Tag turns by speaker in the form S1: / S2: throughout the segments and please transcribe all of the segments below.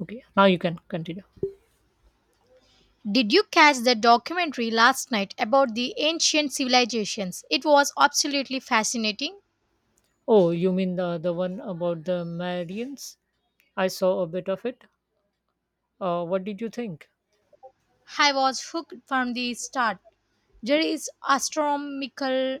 S1: Okay, now you can continue.
S2: Did you catch the documentary last night about the ancient civilizations? It was absolutely fascinating.
S1: Oh, you mean the one about the Marians? I saw a bit of it. What did you think?
S2: I was hooked from the start. There is astronomical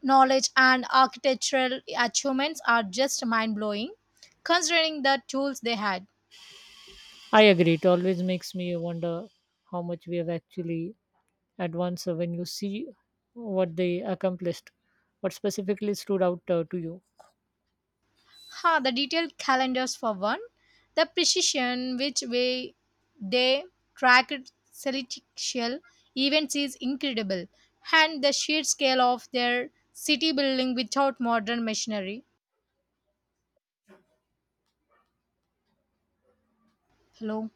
S2: knowledge and architectural achievements are just mind blowing, considering the tools they had.
S1: I agree. It always makes me wonder how much we have actually advanced when you see what they accomplished. What specifically stood out to you?
S2: Ha, the detailed calendars for one, the precision which way they tracked celestial events is incredible, and the sheer scale of their city building without modern machinery. Hello,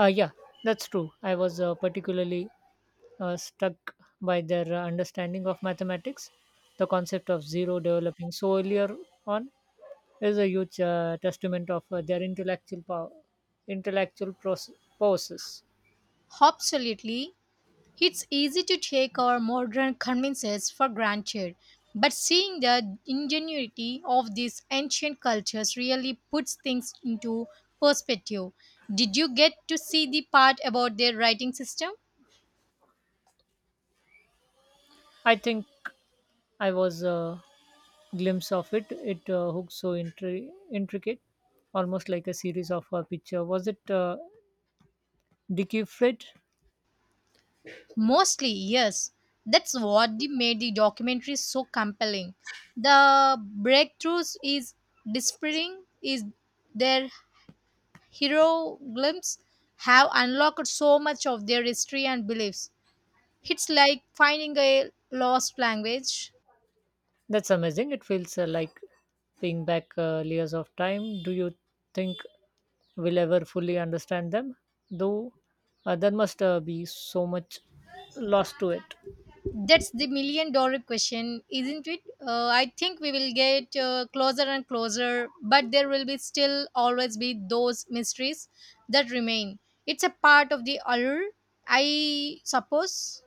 S1: Yeah, that's true. I was particularly struck by their understanding of mathematics. The concept of zero developing so earlier on is a huge testament of their intellectual power, intellectual process.
S2: absolutely. It's easy to take our modern conveniences for granted, but seeing the ingenuity of these ancient cultures really puts things into perspective. Did you get to see the part about their writing system?
S1: I think I was a glimpse of it. It hooked so intricate, almost like a series of picture. Was it Dicky Fred?
S2: Mostly, yes. That's what made the documentary so compelling. The breakthroughs is despairing is their hero glimpse have unlocked so much of their history and beliefs. It's like finding a lost language.
S1: That's amazing. It feels like being back layers of time. Do you think we'll ever fully understand them? Though there must be so much lost to it.
S2: That's the million dollar question, isn't it? I think we will get closer and closer, but there will be still always be those mysteries that remain. It's a part of the allure, I suppose.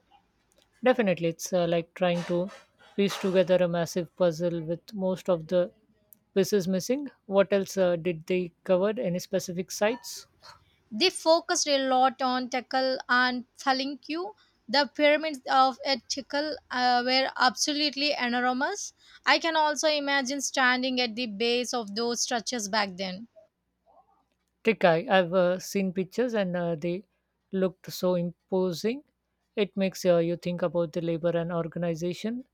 S1: Definitely, it's like trying to piece together a massive puzzle with most of the pieces missing. What else did they cover? Any specific sites?
S2: They focused a lot on Tekal and Thalinkyu. The pyramids of at Tekal were absolutely enormous. I can also imagine standing at the base of those structures back then.
S1: Trick Eye. I've seen pictures and they looked so imposing. It makes you think about the labor and organization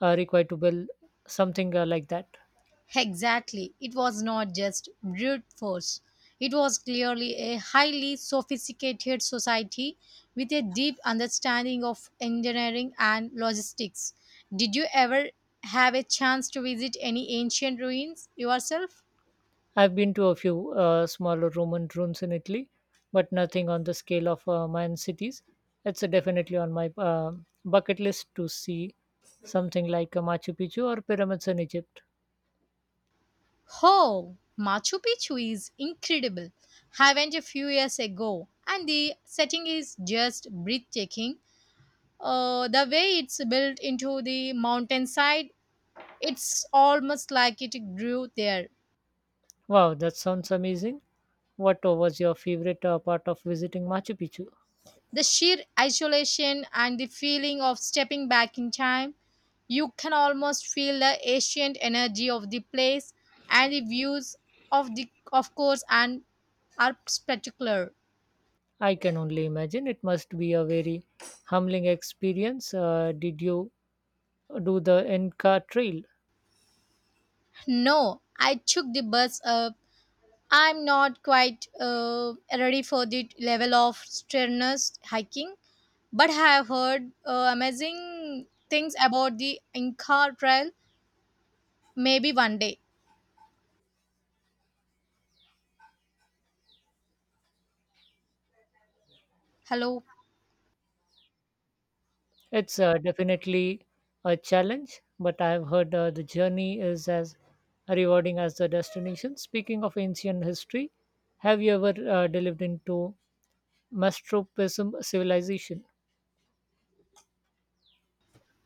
S1: required to build something like that.
S2: Exactly. It was not just brute force. It was clearly a highly sophisticated society with a deep understanding of engineering and logistics. Did you ever have a chance to visit any ancient ruins yourself?
S1: I've been to a few smaller Roman ruins in Italy, but nothing on the scale of Mayan cities. It's definitely on my bucket list to see something like Machu Picchu or pyramids in Egypt.
S2: Oh, Machu Picchu is incredible. I went a few years ago, and the setting is just breathtaking. The way it's built into the mountainside. It's almost like it grew there.
S1: Wow, that sounds amazing. What was your favorite part of visiting Machu Picchu?
S2: The sheer isolation and the feeling of stepping back in time, you can almost feel the ancient energy of the place and the views of the of course and are spectacular.
S1: I can only imagine. It must be a very humbling experience. Did you do the Inca Trail?
S2: No, I took the bus up. I'm not quite ready for the level of strenuous hiking, but I have heard amazing things about the Inca Trail. Maybe one day. Hello.
S1: It's definitely a challenge, but I've heard the journey is as rewarding as the destination. Speaking of ancient history, have you ever delved into Machu Picchu civilization?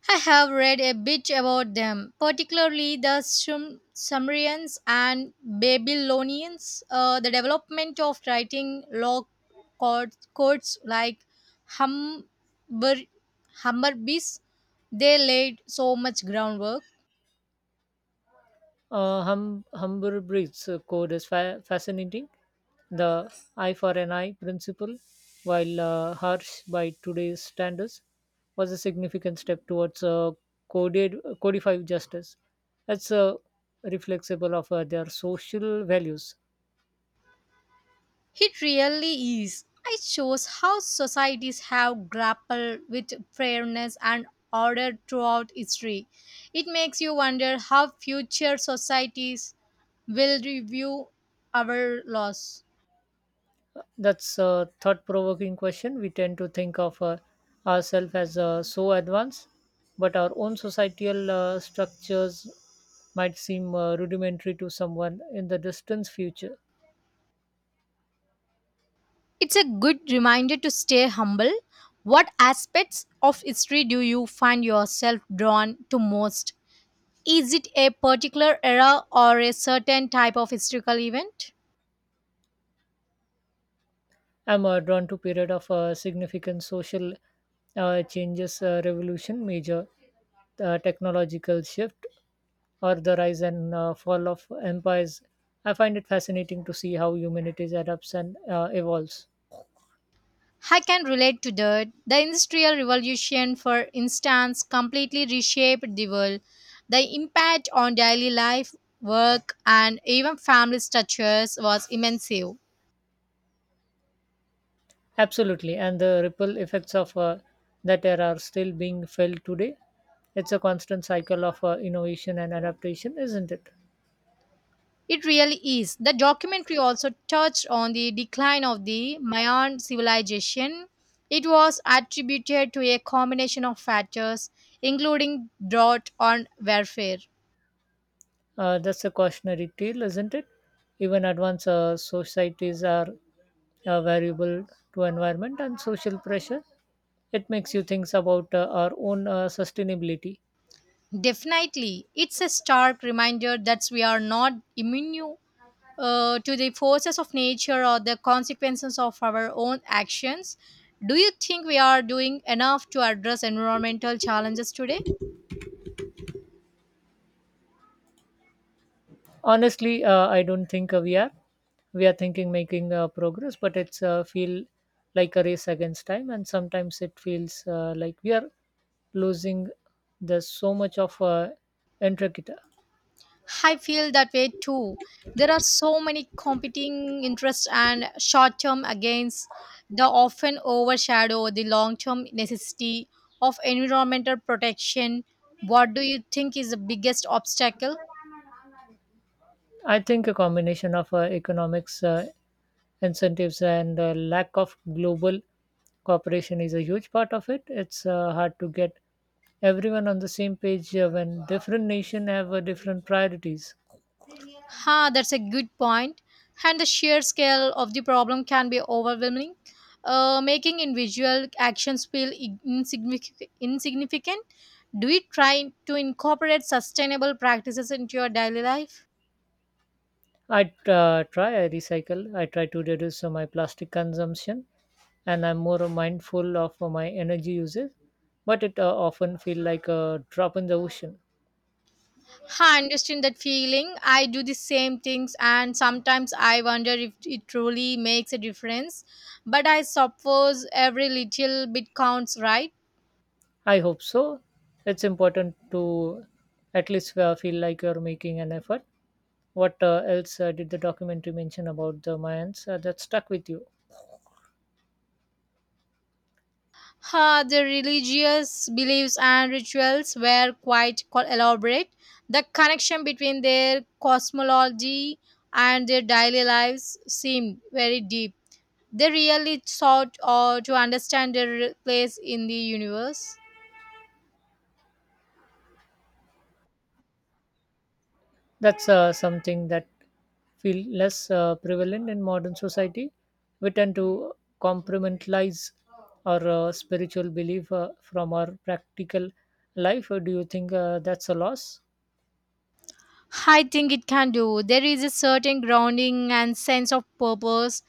S2: I have read a bit about them, particularly the Sumerians and Babylonians. The development of writing law codes like Hammer, Hammurabi's, they laid so much groundwork.
S1: Humber Breed's code is fascinating. The eye for an eye principle, while harsh by today's standards, was a significant step towards coded codified justice. That's reflexible of their social values.
S2: It really is. It shows how societies have grappled with fairness and order throughout history. It makes you wonder how future societies will review our laws.
S1: That's a thought provoking question. We tend to think of ourselves as so advanced, but our own societal structures might seem rudimentary to someone in the distant future.
S2: It's a good reminder to stay humble. What aspects of history do you find yourself drawn to most? Is it a particular era or a certain type of historical event?
S1: I'm drawn to period of significant social changes, revolution, major technological shift, or the rise and fall of empires. I find it fascinating to see how humanity adapts and evolves.
S2: I can relate to that. The Industrial Revolution, for instance, completely reshaped the world. The impact on daily life, work, and even family structures was immense. It
S1: Absolutely, and the ripple effects of that era are still being felt today. It's a constant cycle of innovation and adaptation, isn't it?
S2: really is. The documentary also touched on the decline of the Mayan civilization. It was attributed to a combination of factors, including drought and warfare.
S1: That's a cautionary tale, isn't it? Even advanced societies are variable to environment and social pressure. It makes you think about our own sustainability.
S2: Definitely, it's a stark reminder that we are not immune to the forces of nature or the consequences of our own actions. Do you think we are doing enough to address environmental challenges today?
S1: Honestly, I don't think we are. We are thinking making progress, but it's feel like a race against time, and sometimes it feels like we are losing. There's so much of intricate.
S2: I feel that way too. There are so many competing interests and short term gains that often overshadow the long term necessity of environmental protection. What do you think is the biggest obstacle?
S1: I think a combination of economics incentives and lack of global cooperation is a huge part of it. It's hard to get everyone on the same page when different nations have different priorities.
S2: Ha, that's a good point. And the sheer scale of the problem can be overwhelming, making individual actions feel insignificant. Do you try to incorporate sustainable practices into your daily life?
S1: I try, I recycle, I try to reduce my plastic consumption, and I'm more mindful of my energy usage. But it often feel like a drop in the ocean.
S2: I understand that feeling. I do the same things, and sometimes I wonder if it truly makes a difference. But I suppose every little bit counts, right?
S1: I hope so. It's important to at least feel like you're making an effort. What else did the documentary mention about the Mayans that stuck with you?
S2: Ha, the religious beliefs and rituals were quite elaborate. The connection between their cosmology and their daily lives seemed very deep. They really sought to understand their place in the universe.
S1: That's something that feel less prevalent in modern society. We tend to compartmentalize our spiritual belief from our practical life. Or do you think that's a loss?
S2: I think it can do. There is a certain grounding and sense of purpose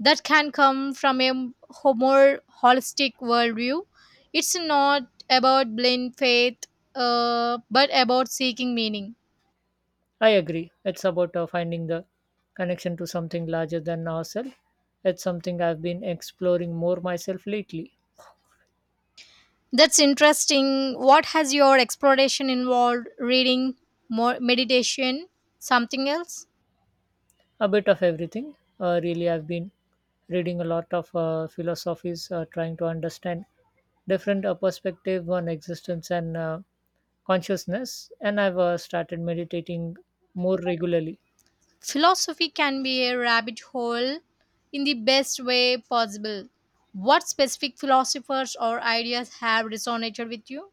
S2: that can come from a more holistic worldview. It's not about blind faith, but about seeking meaning.
S1: I agree. It's about finding the connection to something larger than ourselves. It's something I've been exploring more myself lately.
S2: That's interesting. What has your exploration involved? Reading, more meditation, something else?
S1: A bit of everything really. I've been reading a lot of philosophies, trying to understand different perspective on existence and consciousness, and I've started meditating more regularly.
S2: Philosophy can be a rabbit hole in the best way possible. What specific philosophers or ideas have resonated with you?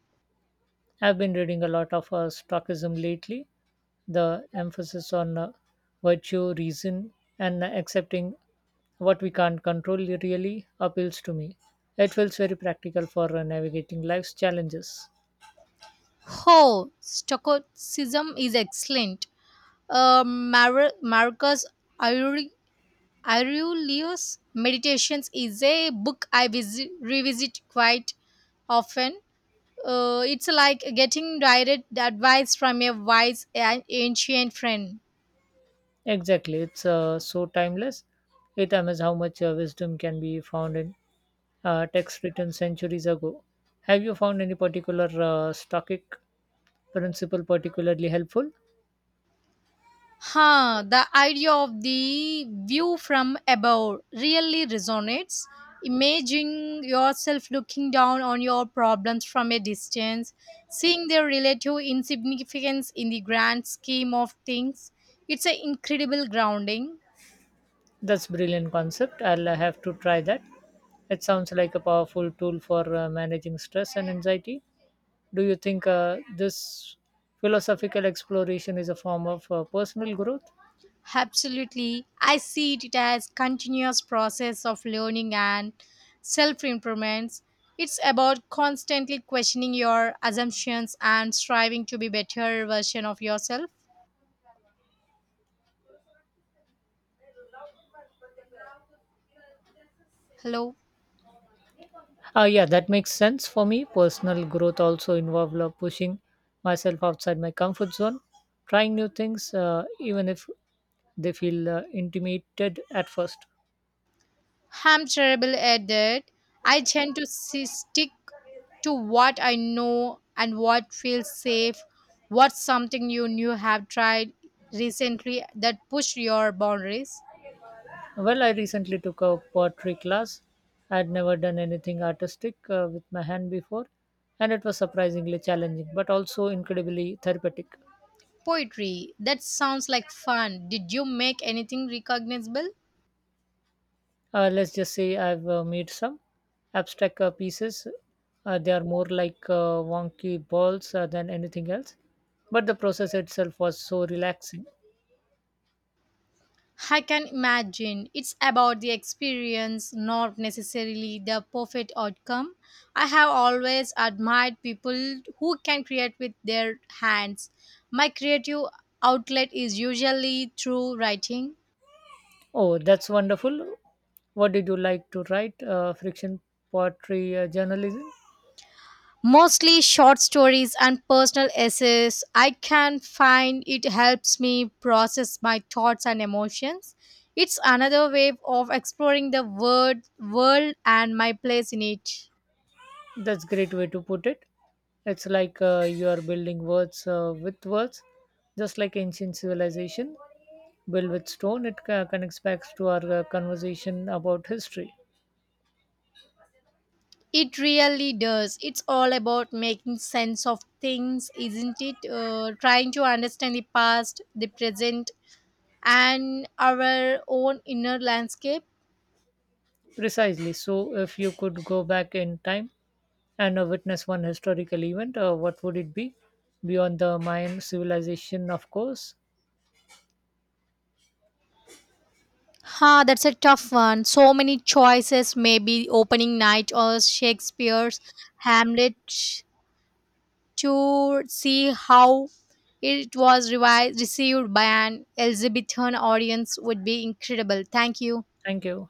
S1: I've been reading a lot of stoicism lately. The emphasis on virtue, reason, and accepting what we can't control really appeals to me. It feels very practical for navigating life's challenges.
S2: Oh, Stoicism is excellent. Marcus Aure- Aurelius' Meditations is a book I revisit quite often. It's like getting direct advice from a wise and ancient friend.
S1: Exactly, it's so timeless. It amazes how much wisdom can be found in texts written centuries ago. Have you found any particular Stoic principle particularly helpful?
S2: Huh, the idea of the view from above really resonates. Imagine yourself looking down on your problems from a distance, seeing their relative insignificance in the grand scheme of things. It's an incredible grounding.
S1: That's brilliant concept. I'll have to try that. It sounds like a powerful tool for managing stress and anxiety. Do you think this philosophical exploration is a form of personal growth?
S2: Absolutely. I see it as continuous process of learning and self-improvements. It's about constantly questioning your assumptions and striving to be better version of yourself. Hello.
S1: Yeah, that makes sense for me. Personal growth also involves like, pushing myself outside my comfort zone, trying new things, even if they feel intimidated at first.
S2: I'm terrible at that. I tend to see, stick to what I know and what feels safe. What's something you knew have tried recently that pushed your boundaries?
S1: Well, I recently took a pottery class. I had never done anything artistic with my hand before, and it was surprisingly challenging, but also incredibly therapeutic.
S2: Poetry. That sounds like fun. Did you make anything recognizable?
S1: Let's just say I've made some abstract pieces. They are more like wonky balls than anything else. But the process itself was so relaxing.
S2: I can imagine it's about the experience, not necessarily the perfect outcome. I have always admired people who can create with their hands. My creative outlet is usually through writing,
S1: Oh, that's wonderful. What did you like to write? Friction, poetry, journalism?
S2: mostly short stories and personal essays. I can find it helps me process my thoughts and emotions. It's another way of exploring the word, world and my place in it.
S1: That's great way to put it. It's like you are building words with words, just like ancient civilization built with stone. It connects back to our conversation about history.
S2: It really does. It's all about making sense of things, isn't it? Trying to understand the past, the present, and our own inner landscape.
S1: Precisely. So, if you could go back in time and witness one historical event, what would it be? Beyond the Mayan civilization, of course.
S2: Huh, that's a tough one. So many choices, maybe opening night or Shakespeare's Hamlet to see how it was received by an Elizabethan audience would be incredible. Thank you.
S1: Thank you.